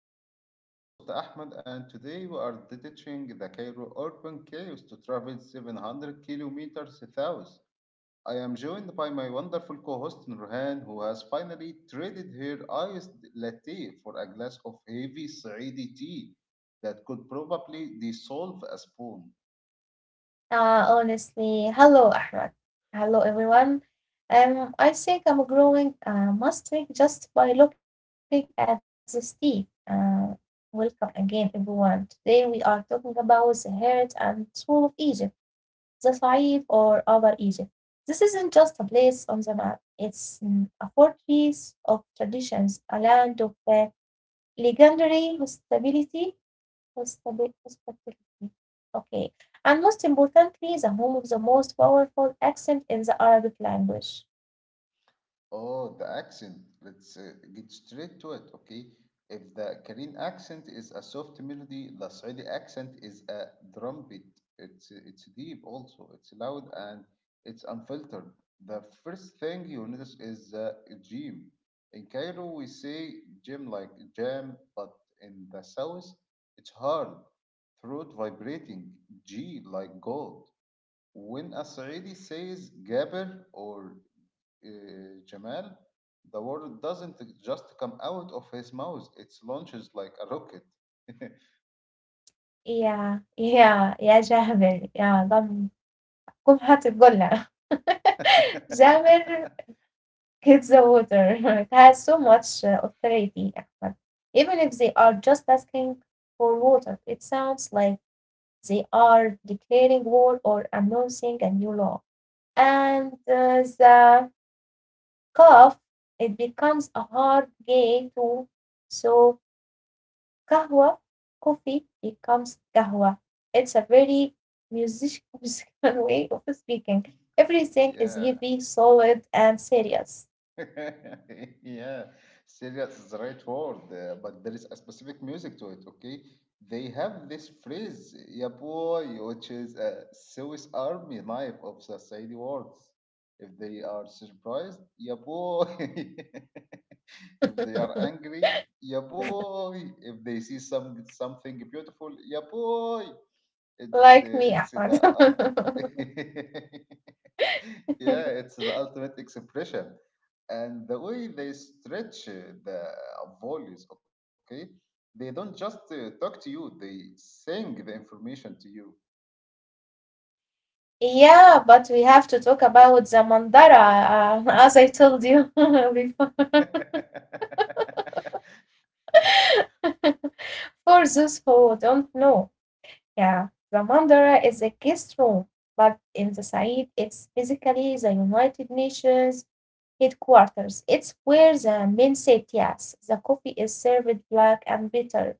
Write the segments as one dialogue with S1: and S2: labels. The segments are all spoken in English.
S1: Files. I am your host Ahmed, and today we are detaching the Cairo urban chaos to travel 700 kilometers south. I am joined by my wonderful co-host Nurhan, who has finally traded her iced latte for a glass of heavy Saidi tea that could probably dissolve a spoon.
S2: Hello, Ahmed. Hello, everyone. I think I'm growing mastering just by looking at this tea. Welcome again, everyone. Today we are talking about the heart and soul of Egypt, the Said or Upper Egypt. This isn't just a place on the map. It's a fortress of traditions, a land of legendary hospitality. Okay. And most importantly, the home of the most powerful accent in the Arabic language.
S1: Oh, the accent. Let's get straight to it, okay? If the Korean accent is a soft melody, the Saudi accent is a drum beat. It's deep also. It's loud and it's unfiltered. The first thing you notice is the gym. In Cairo, we say gym like jam, but in the south, it's hard, throat vibrating, G like gold. When a Saudi says Gabir or uh, Jamal, the word doesn't just come out of his mouth, it launches like a rocket.
S2: Yeah, yeah, yeah, جابر, yeah, قم قم هات القلة. جابر, get the water. It has so much authority, Ahmed. Even if they are just asking for water, it sounds like they are declaring war or announcing a new law. And the cough, it becomes a hard game too. So kahwa, coffee becomes kahwa. It's a very musical way of speaking. Everything is
S1: Yeah.
S2: heavy, solid, and serious.
S1: Yeah, serious is the right word, but there is a specific music to it, okay? They have this phrase, yeah boy, which is a Swiss army knife of the Saudi words. If they are surprised, yeah boy. If they are angry, yeah boy. If they see something beautiful, yeah boy. It,
S2: Like me,
S1: it's
S2: Ahmad.
S1: the ult- Yeah, it's the ultimate expression. And the way they stretch the volleys, okay? They don't just talk to you, they sing the information to you.
S2: Yeah, but we have to talk about the mandara, as I told you before. For those who don't know, yeah, the Mandara is a guest room, but in the Said it's basically the United Nations headquarters. It's where the men sit, yes. The coffee is served black and bitter.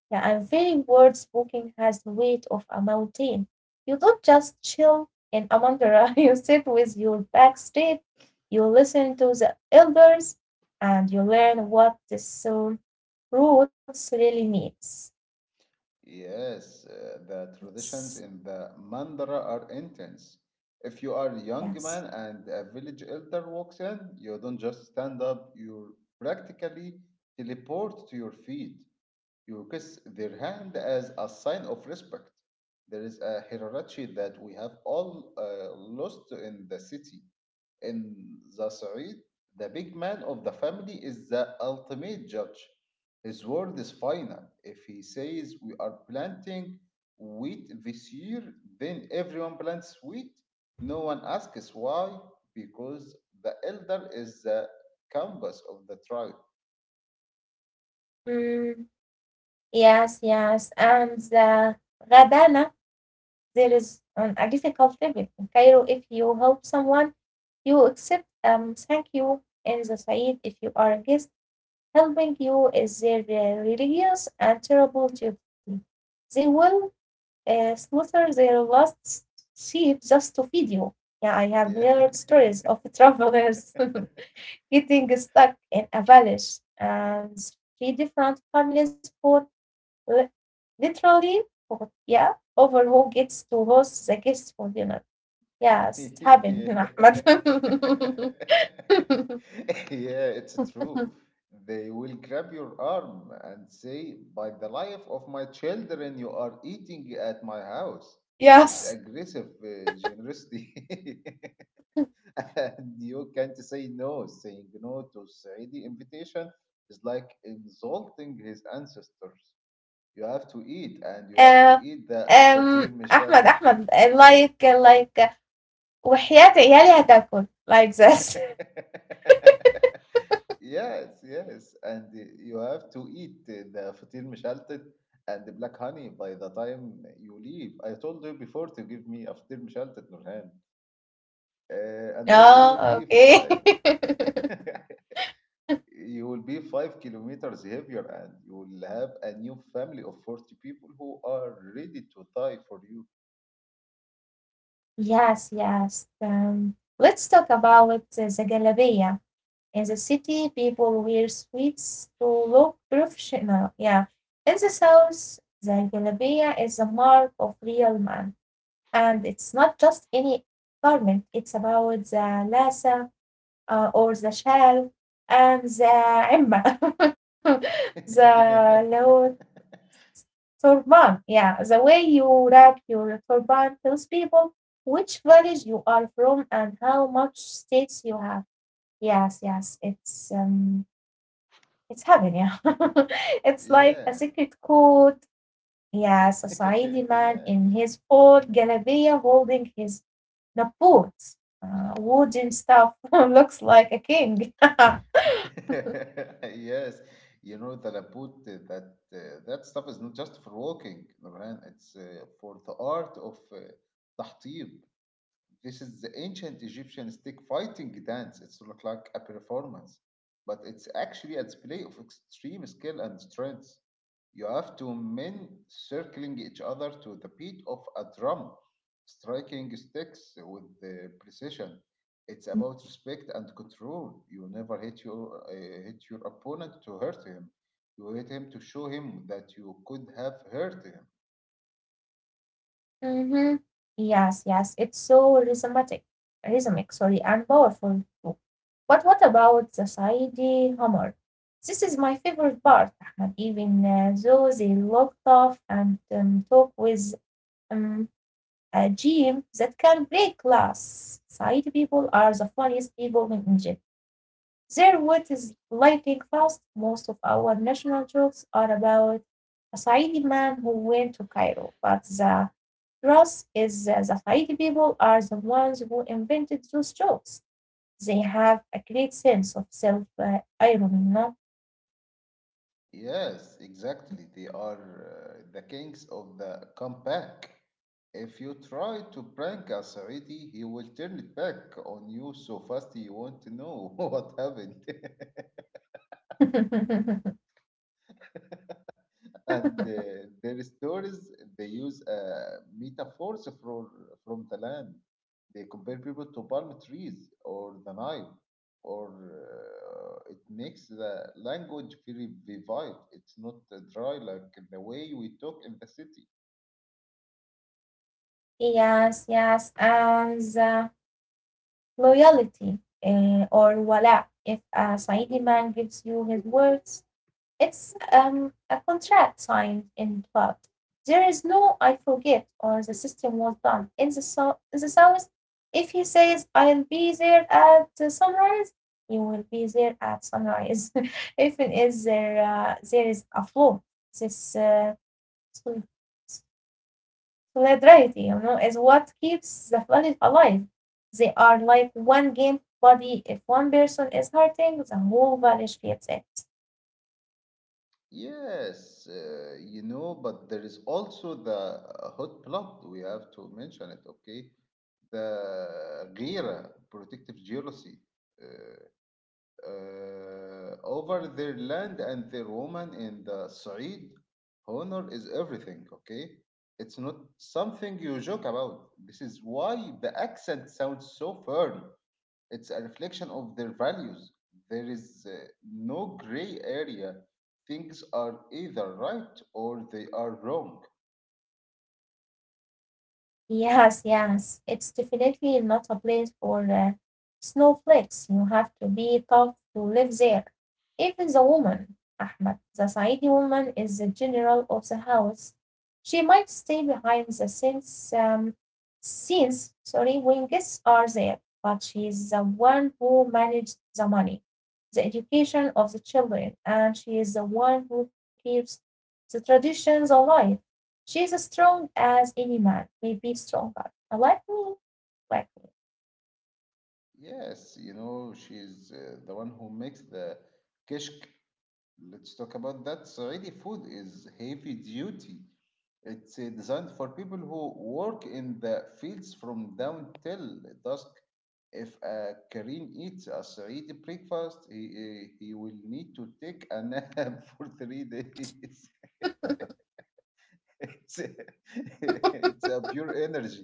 S2: Yeah, and very word spoken has the weight of a mountain. You don't just chill in a Mandara, you sit with your back straight, you listen to the elders, and you learn what the soul roots really means.
S1: Yes, the traditions in the Mandara are intense. If you are a young
S2: Yes.
S1: man and a village elder walks in, you don't just stand up, you practically teleport to your feet. You kiss their hand as a sign of respect. There is a hierarchy that we have all lost in the city. In the Sa'id, the big man of the family is the ultimate judge. His word is final. If he says we are planting wheat this year, then everyone plants wheat. No one asks why, because the elder is the compass of the tribe.
S2: Mm. Yes, yes. And the Ghadana, there is on a difficult level in Cairo. If you help someone, you accept thank you. In the Said, if you are a guest, helping you is their religious and terrible duty. They will slaughter their last s- sheep just to feed you. Yeah, I have
S1: Yeah.
S2: heard stories of travelers getting stuck in a village and three different families li- literally, yeah, over who gets to host the guest for dinner. Yes, it
S1: Yeah.
S2: happened, Ahmed.
S1: Yeah, it's true. They will grab your arm and say, "By the life of my children, you are eating at my house." It's
S2: yes.
S1: aggressive generosity. And you can't say no. Saying no to Saidi invitation is like insulting his ancestors. You have to eat, and you have to
S2: Uh,
S1: eat that fatir, Michelle.
S2: Ahmed, Ahmed, وحياة عيالي هتاكل, like this.
S1: Yes, yes. And you have to eat the fatir mishaltet and the black honey by the time you leave. I told you before to give me a fatir mishaltet, Nurhan. And also
S2: Yeah, okay.
S1: you will be 5 kilometers heavier and you will have a new family of 40 people who are ready to die for you.
S2: yes, yes. Let's talk about the galabia. In the city, people wear suits to look professional. Yeah. In the south, the jalabiya is a mark of real man. And it's not just any garment, it's about the lasa or the shell, and the imma, the low turban. Yeah, the way you wrap your turban tells people which village you are from and how much states you have. Yes, yes, it's heaven, yeah. It's like a
S1: Yeah.
S2: secret code. Yes, a Saidi man
S1: Yeah.
S2: in his old galabeya holding his naput, wooden stuff, looks like a king.
S1: Yes, you know that I put that that stuff is not just for walking, Nurhan. It's for the art of tahtir. This is the ancient Egyptian stick fighting dance. It's look like a performance, but it's actually a display of extreme skill and strength. You have two men circling each other to the beat of a drum, striking sticks with precision. It's about respect and control. You never hit your opponent to hurt him. You hit him to show him that you could have hurt him.
S2: Mm-hmm. Yes, yes, rhythmic, sorry, and powerful too. But what about the Saidi Hammer? This is my favorite part, Ahmed, even though they look tough and talk with um, a gym that can break glass. Side people are the funniest people in Egypt. Their wit is lightning fast. Most of our national jokes are about a Saidi man who went to Cairo, but the truth is that the Saidi people are the ones who invented those jokes. They have a great sense of self irony, no?
S1: Yes, exactly. They are the kings of the comeback. If you try to prank a Saudi, he will turn it back on you so fast you won't know what happened. And their stories, they use metaphors for, from the land. They compare people to palm trees or the Nile, or it makes the language very vivid. It's not dry like the way we talk in the city.
S2: Yes, yes, and the loyalty or wala, if a Saidi man gives you his words, it's a contract signed in blood. There is no I forget or the system was done. In the South, if he says, I'll be there at the sunrise, he will be there at sunrise. Even if it is there, there is a flaw, this sol- solidarity, you know, is what keeps the planet alive. They are like one game body. If one person is hurting, the whole village feels it.
S1: Yes, you know, but there is also the hot blood. We have to mention it, okay? The غيرة, protective jealousy, uh, over their land and their woman in the Saeed. Honor is everything, okay? It's not something you joke about. This is why the accent sounds so firm. It's a reflection of their values. There is no gray area. Things are either right or they are wrong.
S2: Yes, yes. It's definitely not a place for snowflakes. You have to be tough to live there. Even the woman, Ahmed, the Saidi woman is the general of the house. She might stay behind the scenes, sorry, when guests are there, but she is the one who manages the money, the education of the children, and she is the one who keeps the traditions alive. She's as strong as any man, maybe stronger. Like me, like me.
S1: Yes, you know, she's the one who makes the kishk. Let's talk about that. Saudi food is heavy duty. It's designed for people who work in the fields from dawn till dusk. If a Korean eats a Saudi breakfast, he will need to take a nap for 3 days. It's, uh, it's a pure energy.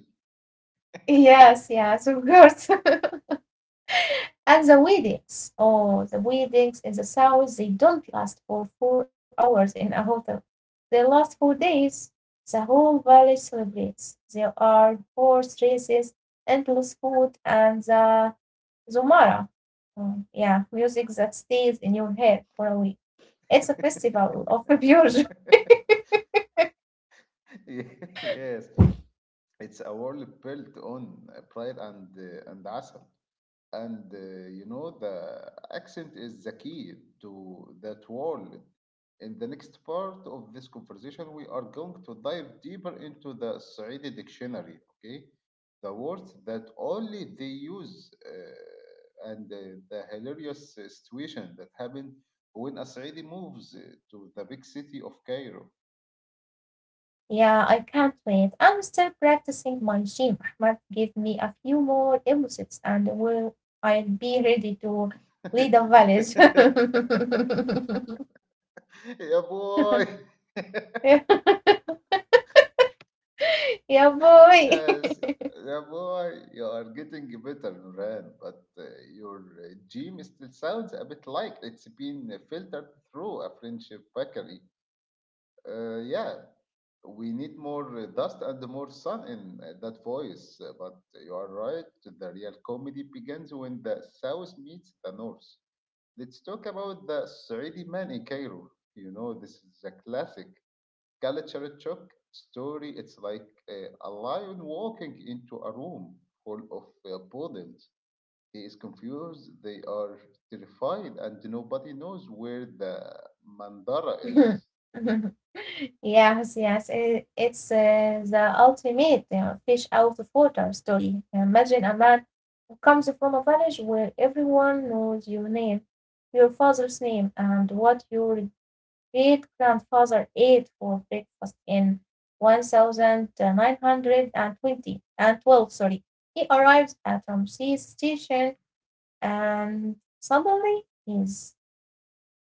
S2: Yes, yes, of course. And the weddings. Oh, the weddings in the south, they don't last for 4 hours in a hotel. They last 4 days. The whole valley celebrates. There are horse races, endless food, and the Zomara. Oh, yeah, music that stays in your head for a week. It's a festival of pure joy.
S1: Yes, it's a world built on pride and asam. And you know, the accent is the key to that world. In the next part of this conversation we are going to dive deeper into the Saudi dictionary, okay, the words that only they use, and the hilarious situation that happened when a Saudi moves to the big city of Cairo.
S2: Yeah, I can't wait. I'm still practicing my gym. Ahmad, give me a few more episodes and will I'll be ready to lead a village.
S1: Yeah boy.
S2: Yeah, yeah, boy.
S1: Yes, yeah, boy, you are getting better, Nuran, but your gym still sounds a bit like it's been filtered through a French bakery. Yeah, we need more dust and more sun in that voice, but you are right, the real comedy begins when the south meets the north. Let's talk about the Saudi man in Cairo. You know, this is a classic. Kalicharchuk story, it's like a lion walking into a room full of rodents. He is confused, they are terrified, and nobody knows where the mandara is.
S2: Yes, yes. It's the ultimate fish out of water story. Imagine a man who comes from a village where everyone knows your name, your father's name, and what your great grandfather ate for breakfast in sorry. He arrives at Ramses station and suddenly he's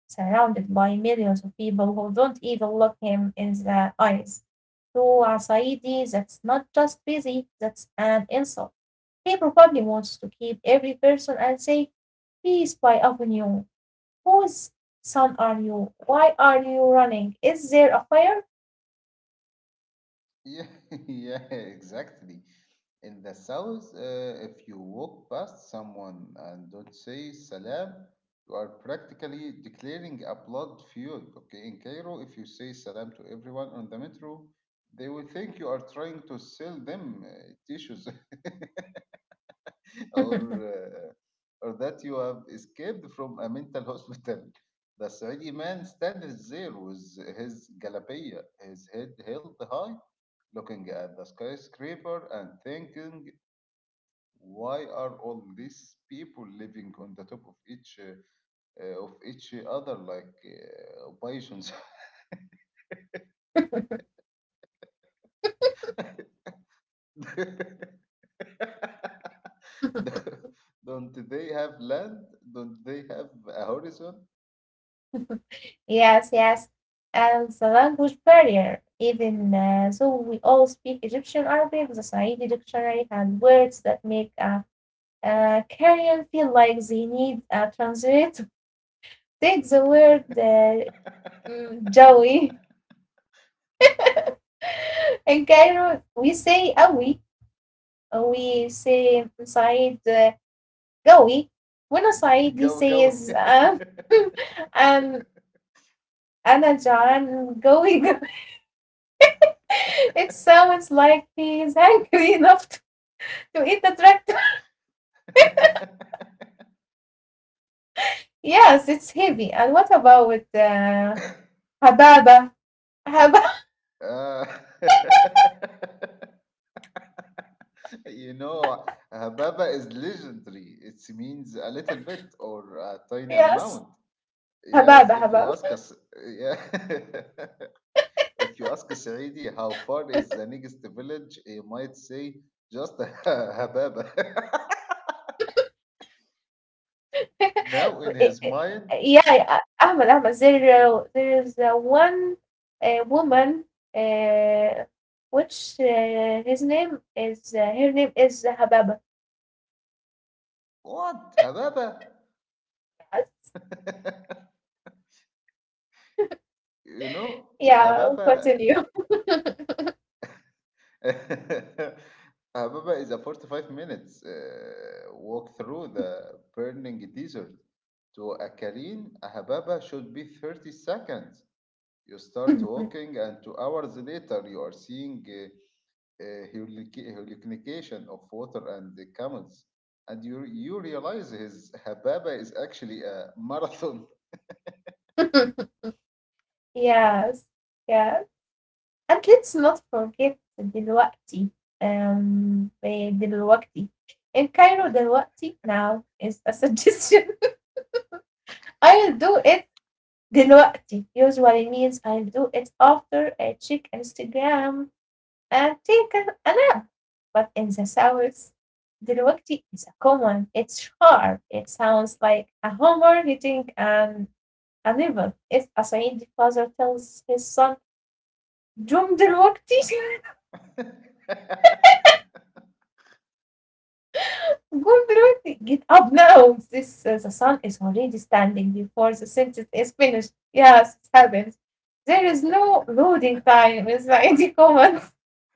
S2: surrounded by millions of people who don't even look him in the eyes. To Asaidi, that's not just busy, that's an insult. He probably wants to keep every person and say, peace by Avenue. Whose son are you? Why are you running? Is there a fire?
S1: Yeah, yeah, exactly. In the south, if you walk past someone and don't say salam, you are practically declaring a blood feud. Okay, in Cairo, if you say salam to everyone on the metro, they will think you are trying to sell them tissues or or that you have escaped from a mental hospital. The Saudi man stands there with his galabia, his head held high looking at the skyscraper and thinking, why are all these people living on the top of each other like pigeons? Don't they have land? Don't they have a horizon?
S2: Yes, yes. And the language barrier, even though we all speak Egyptian Arabic, the Saidi dictionary had words that make a Korean feel like they need a translator. Take the word Jawi. In Cairo, we say Awi, we say inside قوي وأنا صعيدي
S1: Go go.
S2: says um, أنا جعان قوي. It sounds like he is hungry enough to eat the tractor. Yes, it's heavy. And what about hababa? Hababa?
S1: Ah. You know, Hababa is legendary. It means a little bit or a tiny
S2: Yes.
S1: amount. Yes,
S2: Hababa,
S1: if you ask
S2: hababa.
S1: us, yeah, if you ask Saidi how far is the nearest village, he might say just Hababa. Now in
S2: Eh,
S1: his
S2: eh,
S1: mind,
S2: yeah, yeah, Ahmed, Ahmed, there is one woman, uh, which his name is, her name is Hababa.
S1: what Hababa? You know,
S2: Yeah,
S1: Hababa
S2: continue.
S1: Hababa is a 45 minutes walk through the burning desert. To a Karin, a Hababa should be 30 seconds. You start walking, and 2 hours later, you are seeing uh, hurricane of water and the camels. And you realize his Hababa is actually a marathon.
S2: Yes, yeah. And let's not forget دلوقتي. إيه دلوقتي. In Cairo, دلوقتي now is a suggestion. I'll do it دلوقتي usually means I'll do it after I check Instagram and take a nap. But in the South, دلوقتي is a common. It's sharp. It sounds like a hammer hitting an another إذ. A father tells his son قم دلوقتي, قم دلوقتي. Get up now. This the son is already standing before the sentence is finished. Yes, it happens. There is no loading time in Saidi comments.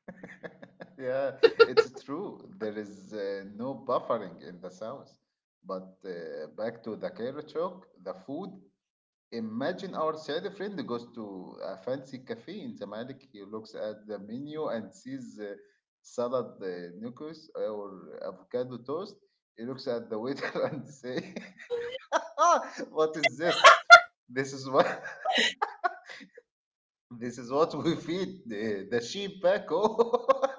S1: Yeah, it's true. There is no buffering in the South. But back to the Cairo talk, the food. Imagine our Saudi friend goes to a fancy cafe in Zamalek. He looks at the menu and sees salad noodles or avocado toast. He looks at the waiter and say, "Ah, what is this? This is what this is what we feed the sheep back home."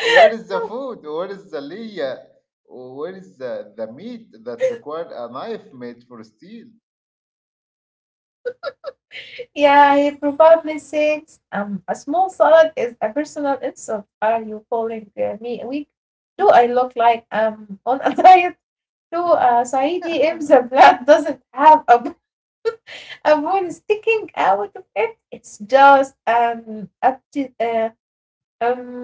S1: Where is the food? Where is the liya? Where is the meat that required a knife made for steel?
S2: Yeah, he probably says a small salad is a personal insult. Are you calling me weak? Do I look like I'm on a diet to Saidi if the blood doesn't have a avoid sticking out of it. It's just Up to um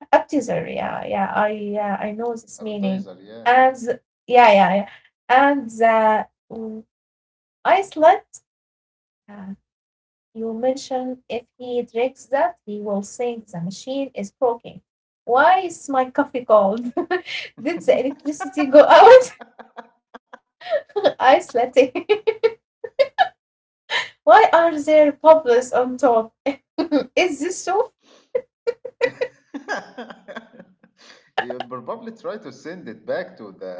S2: up to there. Yeah, yeah. I know this meaning.
S1: Appetizer, yeah.
S2: And the- yeah, yeah, yeah. And the mm, Iceland. Uh, you mentioned if he drinks that, he will think the machine is broken. Why is my coffee cold? Did the electricity go out? Ice latte. Why are there bubbles on top? Is this so?
S1: You probably try to send it back to the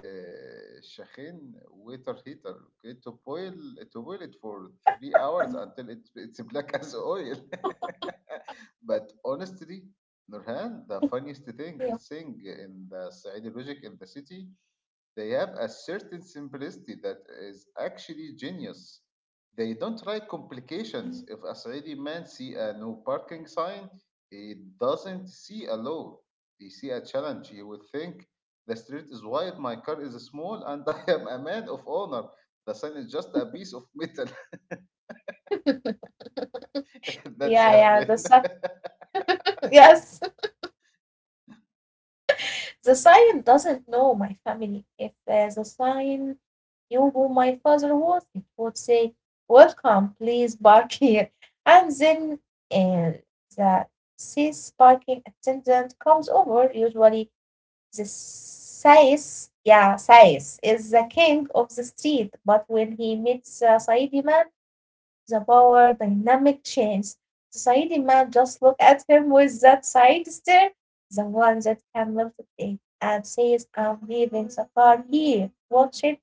S1: uh, Shakhin water heater, okay, to boil it for 3 hours until it's black as oil. But honestly, Nurhan, the funniest thing
S2: Yeah.
S1: thing in the Saudi logic in the city, they have a certain simplicity that is actually genius. They don't like complications. If a Saudi man see a no parking sign, he doesn't see a law. He see a challenge. He will think the street is wide, my car is small, and I am a man of honor. The sign is just a piece of metal.
S2: Yeah,
S1: That's
S2: yeah, the
S1: happened.
S2: sign. Yes, the sign doesn't know my family. If the sign knew who my father was, it would say, welcome, please park here. And then uh, the says parking attendant comes over, usually. The Sais, yeah, Sais is the king of the street, but when he meets the Saidi man, the power dynamic changes. The Saidi man just look at him with that side stare, the one that can melt it in, and says, I'm leaving the car here. Watch it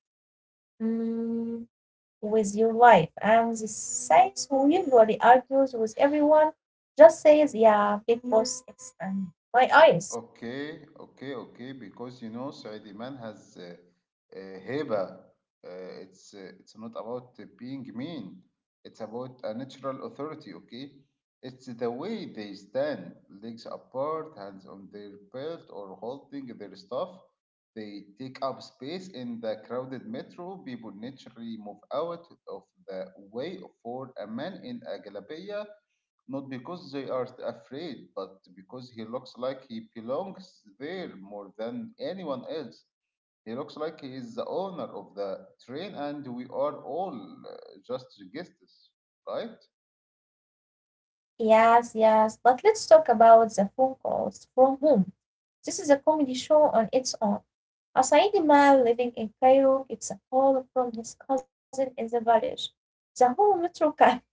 S2: mm, with your life. And the Sais, who usually argues with everyone, just says, yeah, big boss, it's my eyes.
S1: Okay, okay, okay. Because you know, Saudi man has heba. It's it's not about being mean. It's about a natural authority. Okay, it's the way they stand, legs apart, hands on their belt or holding their stuff. They take up space in the crowded metro. People naturally move out of the way for a man in a galabia not because they are afraid, but because he looks like he belongs there more than anyone else. He looks like he is the owner of the train, and we are all uh, just guests, right?
S2: Yes, yes. But let's talk about the phone calls from home. This is a comedy show on its own. A Saidi man living in Cairo gets a call from his cousin in the village. The whole metro can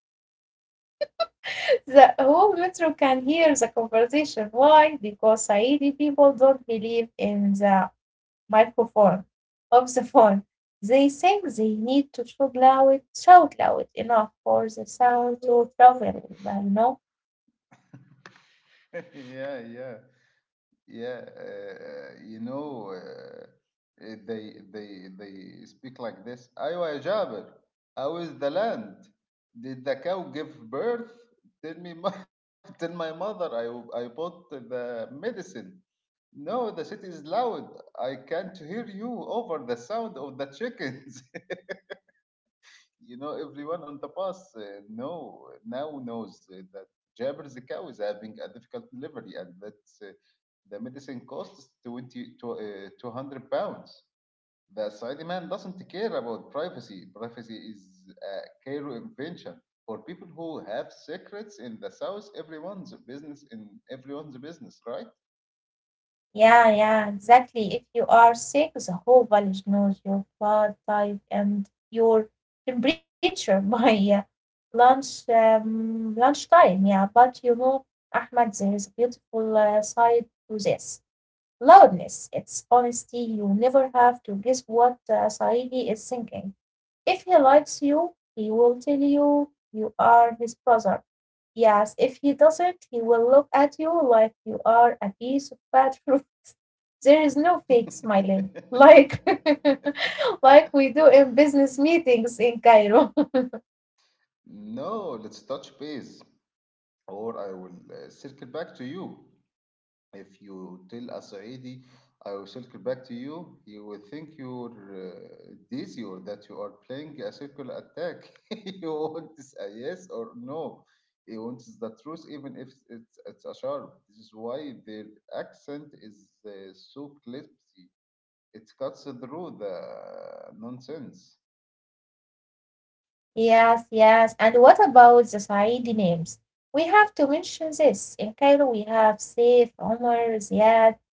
S2: The whole metro can hear the conversation. Why? Because Saidi people don't believe in the microphone of the phone. They think they need to shout loud enough for the sound to travel, you know.
S1: Yeah, yeah, yeah. You know, they speak like this. أيوة يا جابر, how is the land? Did the cow give birth? Tell me, tell my mother I bought the medicine. No, the city is loud. I can't hear you over the sound of the chickens. You know, everyone on the bus know now knows that Jabber's cow is having a difficult delivery, and that uh, the medicine costs 20 to 200 pounds. The side man doesn't care about privacy. Privacy is a Cairo invention for people who have secrets in the south. Everyone's business in everyone's business, right?
S2: Yeah, yeah, exactly. If you are sick, the whole village knows your blood type and your temperature by lunchtime. Yeah, but you know, Ahmad, there is a beautiful side to this. Loudness, it's honesty. You never have to guess what Saidi is thinking. If he likes you, he will tell you you are his brother. Yes, if he doesn't, he will look at you like you are a piece of bad fruit. There is no fake smiling like like we do in business meetings in Cairo.
S1: No, let's touch base, or I will circle back to you. If you tell a Saidi, I will circle back to you, you will think you're dizzy or that you are playing a circle attack. You want this a yes or no. He wants the truth, even if it's a sharp. This is why their accent is so clippy. It cuts through the nonsense.
S2: yes, yes. And what about the Saidi names? We have to mention this. In Cairo, we have Saif, Omar, Ziad,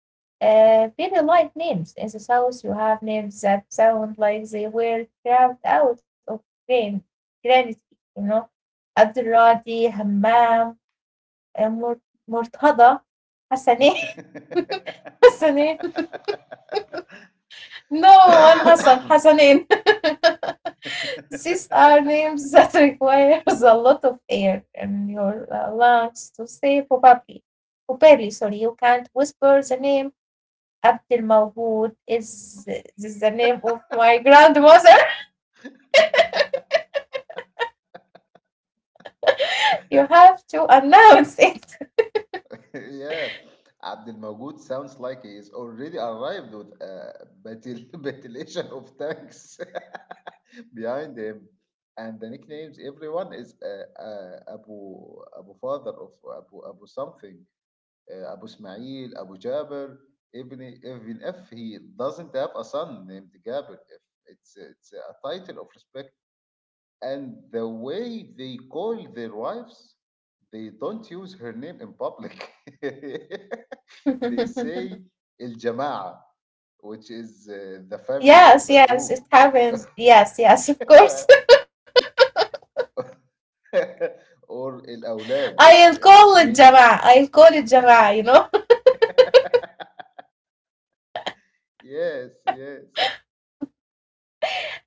S2: very light names. In the south, you have names that sound like they were carved out of grain, granite, you know. Abdurradi, Hammam, uh, Mur- Murtada, Hassani,
S1: Yeah,
S2: Hassani. No, and Hassan, Hassanin. These are names that requires a lot of air in your lungs to say probably. Probably, sorry, you can't whisper the name. Abdul Mawhud is the name of my grandmother. You have to announce it.
S1: Abdul Magood sounds like he is already arrived with a battalion of tanks behind him. And the nicknames everyone is Abu Father of Abu Abu something, Abu Ismail, Abu Jabir. Even if he doesn't have a son named Jabir, if it's a title of. And the way they call their wives, they don't use her name in public. They say El Jamaa, which is the family or
S2: Yes,
S1: the
S2: yes,
S1: group,
S2: it happens. Yes, yes, of course.
S1: or El Aulad,
S2: I'll
S1: which
S2: call it
S1: means
S2: Jama. I'll call it Jama, you know.
S1: yes, yes.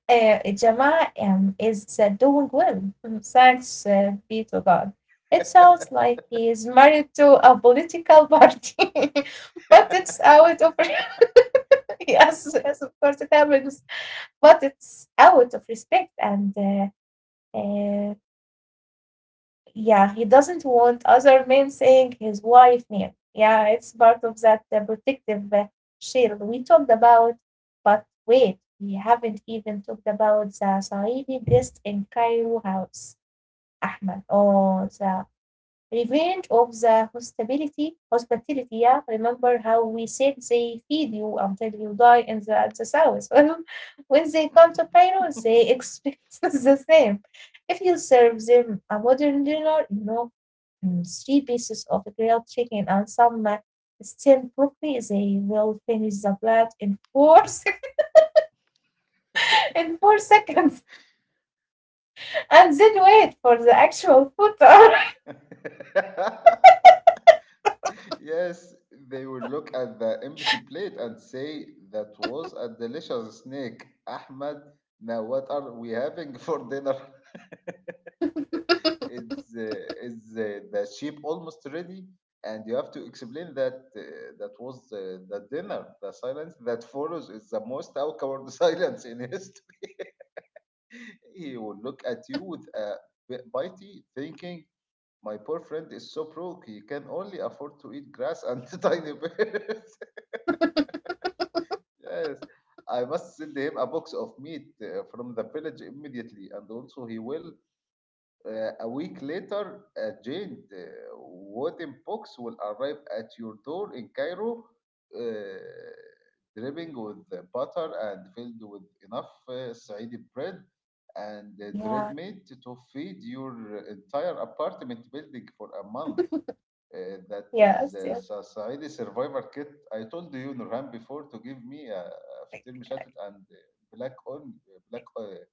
S2: Jama is doing well. Mm, thanks be to God. It sounds like he is married to a political party, but it's out of re- yes, yes, of course it happens. But it's out of respect and uh, yeah, he doesn't want other men saying his wife name. Yeah, it's part of that protective shield we talked about. But wait, we haven't even talked about the Saidi guest in Cairo house, Ahmed, or the revenge of the hospitality. Hospitality, yeah. Remember how we said they feed you until you die at the south. When they come to Cairo, they expect the same. If you serve them a modern dinner, you know, mm, three pieces of grilled chicken and some steamed broccoli. They will finish the plate in four sec- in 4 seconds, and then wait for the actual food to arrive.
S1: Yes, they will look at the empty plate and say, "That was a delicious snake, Ahmed. Now, what are we having for dinner? It's is the sheep almost ready?" And you have to explain that that was the dinner. The silence that follows is the most awkward silence in history. He will look at you with a bit bitey, thinking, "My poor friend is so broke, he can only afford to eat grass and tiny bears." Yes, I must send him a box of meat from the village immediately, and also he will. A week later, a giant wooden box will arrive at your door in Cairo, uh, dripping with the butter and filled with enough Saidi bread and dread
S2: Yeah,
S1: meat to feed your entire apartment building for a month. That
S2: yes,
S1: is
S2: yes,
S1: Saidi survivor kit. I told you Nurhan before to give me a فطير مشلتت and black on black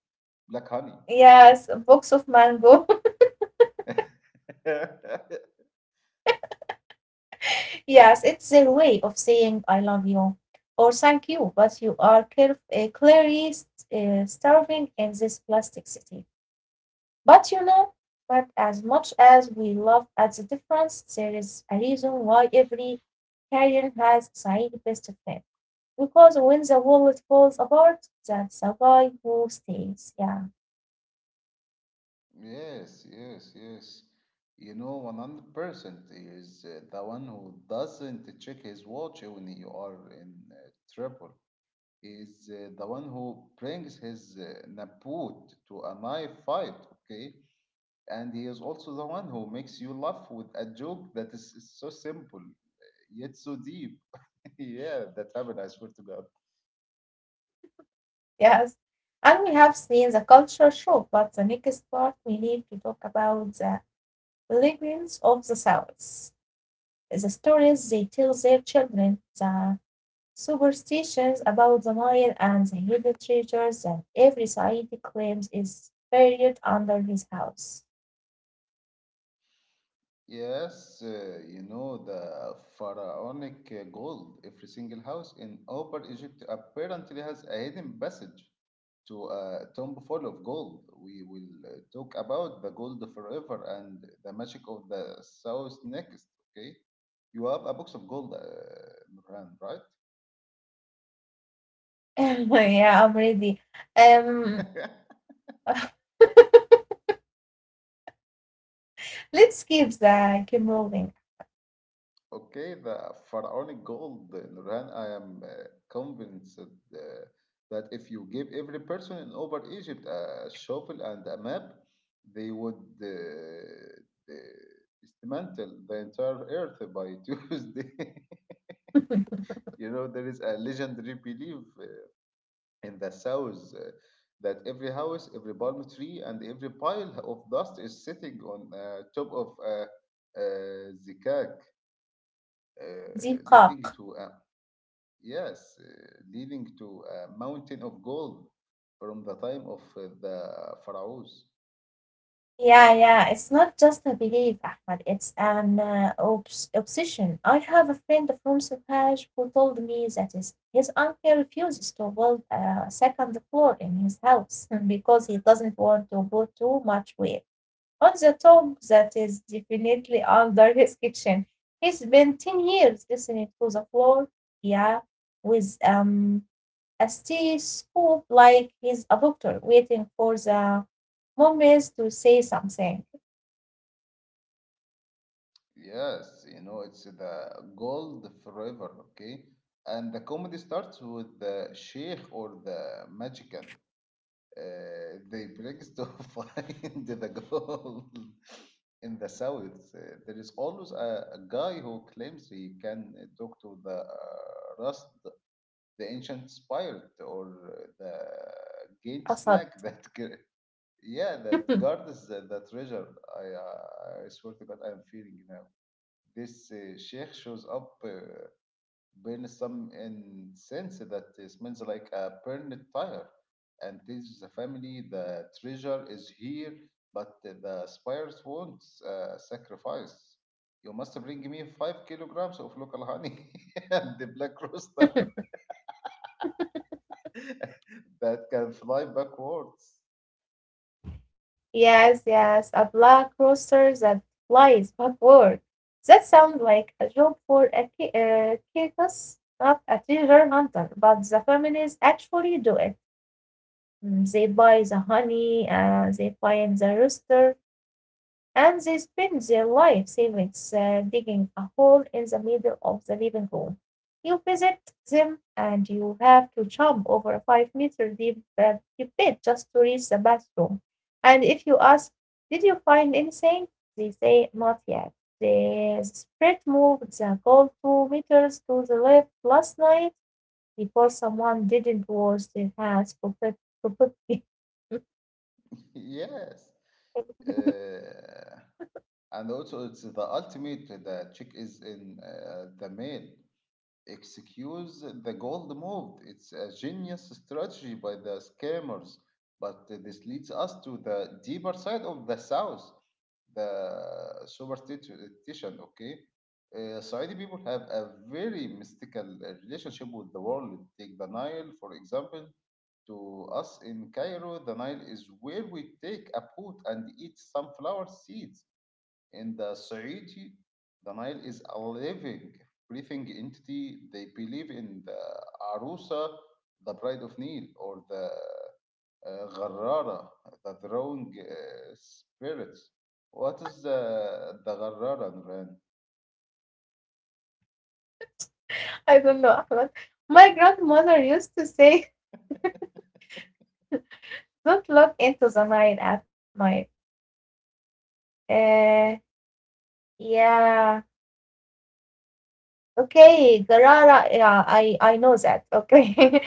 S1: black honey.
S2: yes. Books of mango. Yes, it's their way of saying I love you or thank you, but you are clearly starving in this plastic city. But you know, but as much as we love at the difference, there is a reason why every Korean has Saeed best friend. Because when the wallet falls apart, that's the guy who stays. Yeah,
S1: Yes, yes, yes. You know, 100% is the one who doesn't check his watch when you are in trouble. Is the one who brings his Naboot to a knife fight, okay? And he is also the one who makes you laugh with a joke that is so simple yet so deep. Yeah, that happened, I swear to God.
S2: yes. And we have seen the culture show, but the next part we need to talk about the pilgrims of the South. The stories they tell their children, the superstitions about the Nile, and the hidden treasures that every society claims is buried under his house.
S1: Yes, you know the pharaonic gold. Every single house in Upper Egypt apparently has a hidden passage to a tomb full of gold. We will talk about the gold forever and the magic of the south next. Okay, you have a box of gold, Nurhan, right?
S2: Yeah, I'm ready. Um, let's keep the game rolling.
S1: Okay, the pharaonic gold, Nurhan, I am convinced that if you give every person in Upper Egypt a shovel and a map, they would dismantle the entire earth by Tuesday. You know, there is a legendary belief in the South that every house, every palm tree, and every pile of dust is sitting on top of a zikak,
S2: The
S1: leading
S2: cock.
S1: to. Yes, leading to a mountain of gold from the time of the pharaohs.
S2: Yeah, yeah. It's not just a belief, Ahmad. It's an obsession. I have a friend from Safaj who told me that his uncle refuses to build a second floor in his house because he doesn't want to put too much weight on the top that is definitely under his kitchen. He spent 10 years listening to the floor, yeah, with a stethoscope like he's a doctor waiting for the Mom to say something.
S1: Yes, you know, it's the gold forever, okay? And the comedy starts with the sheikh or the magician. They brings to find the gold in the south. There is always a guy who claims he can talk to the rust, the ancient spirit, or the game snack
S2: أسد
S1: that Yeah, that guard is the treasure. I swear to God, I'm feeling now. This sheikh shows up, burns some incense that smells like a burned tire, and tells the family the treasure is here, but the spires wants sacrifice. You must bring me 5 kilograms of local honey and the black rooster that can fly backwards.
S2: Yes, yes, a black rooster that flies backward. That sounds like a job for a circus, not a treasure hunter, but the families actually do it. Mm, they buy the honey, they find the rooster, and they spend their life savings digging a hole in the middle of the living room. You visit them and you have to jump over a 5 meter deep pit just to reach the bathroom. And if you ask, did you find anything? They say, not yet. The spread moved the goal 2 meters to the left last night because someone didn't wash their properly.
S1: Yes. Uh, And also, it's the ultimate. The check is in the mail. Excuse the gold move. It's a genius strategy by the scammers. But this leads us to the deeper side of the South, the superstition. Okay, Saudi people have a very mystical relationship with the world. Take the Nile, for example. To us in Cairo, the Nile is where we take a boat and eat sunflower seeds. In the Saudi, the Nile is a living, breathing entity. They believe in the Arusa, the bride of Nile, or the Gharrara, the drawing spirits. What is the Gharrara, Nuran?
S2: I don't know. Ahmed. My grandmother used to say don't look into the night at night. Uh, yeah. Okay, Garara, yeah, I know that. Okay.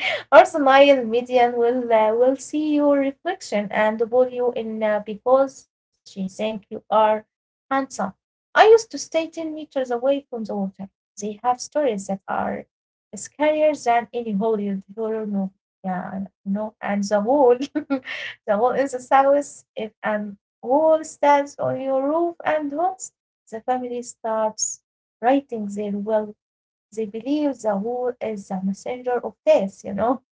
S2: Also, Nile Median will see your reflection and pull you in because she think you are handsome. I used to stay 10 meters away from the water. They have stories that are scarier than any Hollywood horror movie. Yeah, no, and the wall, the wall in the south, if and wall stands on your roof and haunts the family starts writing their will, they believe the wall is the messenger of death, you know?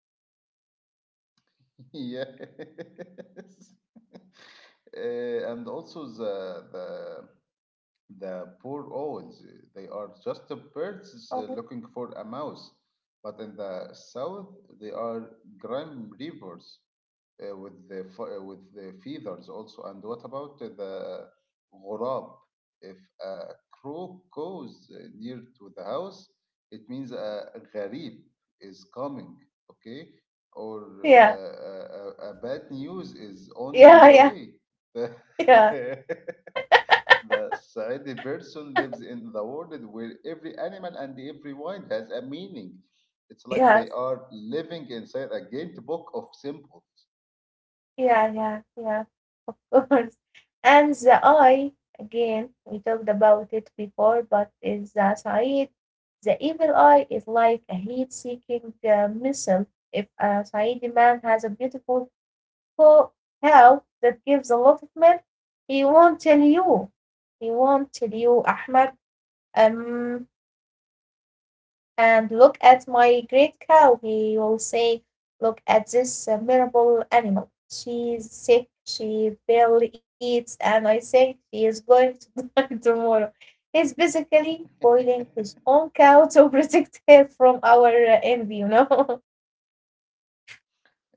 S1: Yes. And also the. The poor owls, they are just the birds
S2: Oh,
S1: looking for a mouse. But in the south, they are grim reapers with the feathers also. And what about the غراب? If a crow goes near to the house, it means a غريب is coming, okay? Or
S2: yeah,
S1: bad news is on
S2: yeah,
S1: the
S2: yeah,
S1: way.
S2: yeah,
S1: The Saidi person lives in the world where every animal and every word has a meaning. It's like they
S2: yes,
S1: are living inside a great book of symbols.
S2: yeah, yeah, yeah, of course. And the eye, again, we talked about it before, but is the Said, the evil eye is like a heat seeking missile. If a Saidi man has a beautiful co cow that gives a lot of milk, he won't tell you. He won't tell you, Ahmed. Um, And look at my great cow, he will say, look at this miserable animal. She's sick, she barely eats, and I think she is going to die tomorrow. He's basically boiling his own cow to protect her from our envy, you know?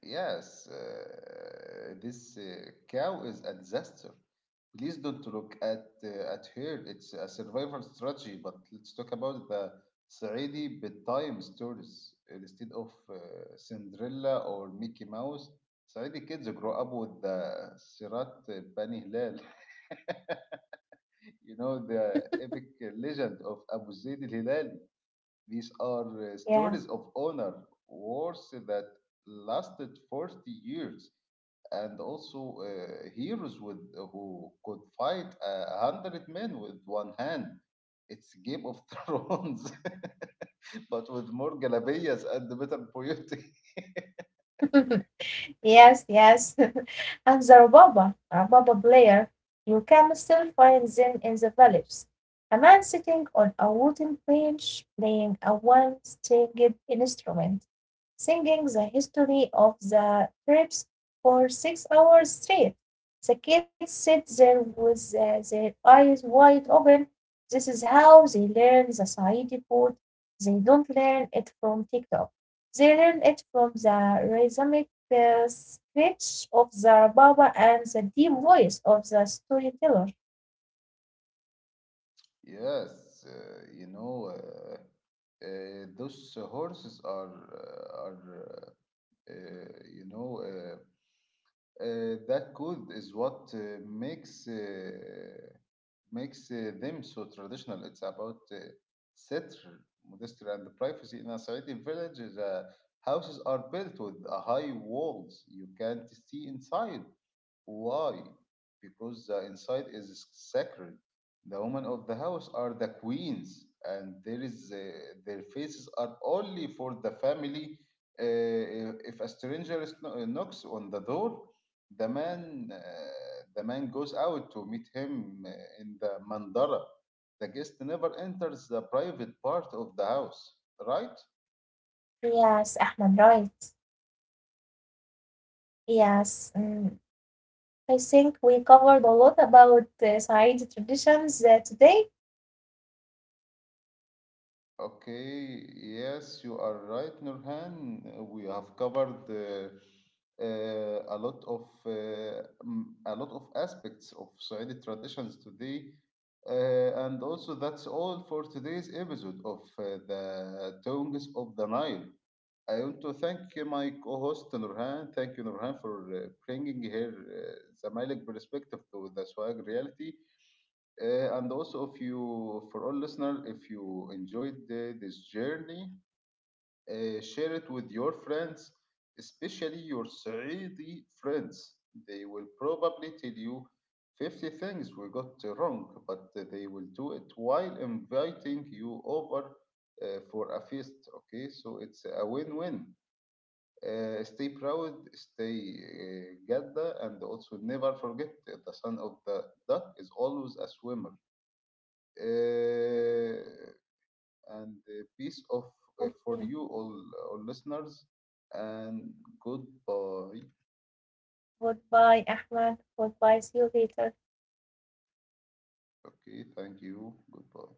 S1: Yes, this cow is a disaster. Please don't look at her. It's a survival strategy. But let's talk about the Saudi bedtime stories instead of Cinderella or Mickey Mouse. Saudi kids grow up with the Sirat Bani Hilal. You know, the epic legend of Abu Zayd al Hilali. These are
S2: yeah.
S1: stories of honor, wars that lasted 40 years and also heroes with who could fight a hundred men with one hand. It's Game of Thrones, but with more galabayas and better poetry.
S2: Yes, yes. And the Rubaba, Rubaba player, you can still find them in the villages. A man sitting on a wooden bench playing a one stringed instrument, singing the history of the trips for 6 hours straight. The kids sit there with their eyes wide open. This is how they learn the Saidi food. They don't learn it from TikTok. They learn it from the rhythmic the screech of the Baba and the deep voice of the storyteller.
S1: Yes, uh, those horses are that good is what makes. Them so traditional. It's about settler, modesty, and privacy in a Saudi village. The houses are built with a high walls. You can't see inside. Why? Because the inside is sacred. The women of the house are the queens, and there is their faces are only for the family. If a stranger is knocks on the door, the man goes out to meet him in the mandara. The guest never enters the private part of the house, right?
S2: Yes, Ahmed, right. Yes, mm, I think we covered a lot about Saeed traditions today.
S1: Okay, yes, you are right, Nurhan. We have covered a lot of aspects of Saudi traditions today, and also that's all for today's episode of the Tongues of the Nile. I want to thank my co-host Nurhan. Thank you, Nurhan, for bringing here the Malik perspective to the Swag reality. And also, if you, for all listeners, if you enjoyed this journey, share it with your friends, especially your Saudi friends. They will probably tell you 50 things we got wrong, but they will do it while inviting you over for a feast. Okay, so it's a win win. Stay proud, stay Gadda, and also never forget that the son of the duck is always a swimmer uh, and peace of for
S2: Okay,
S1: you all listeners, and goodbye.
S2: goodbye, Ahmed. Goodbye, see you later.
S1: Okay, thank you. Goodbye.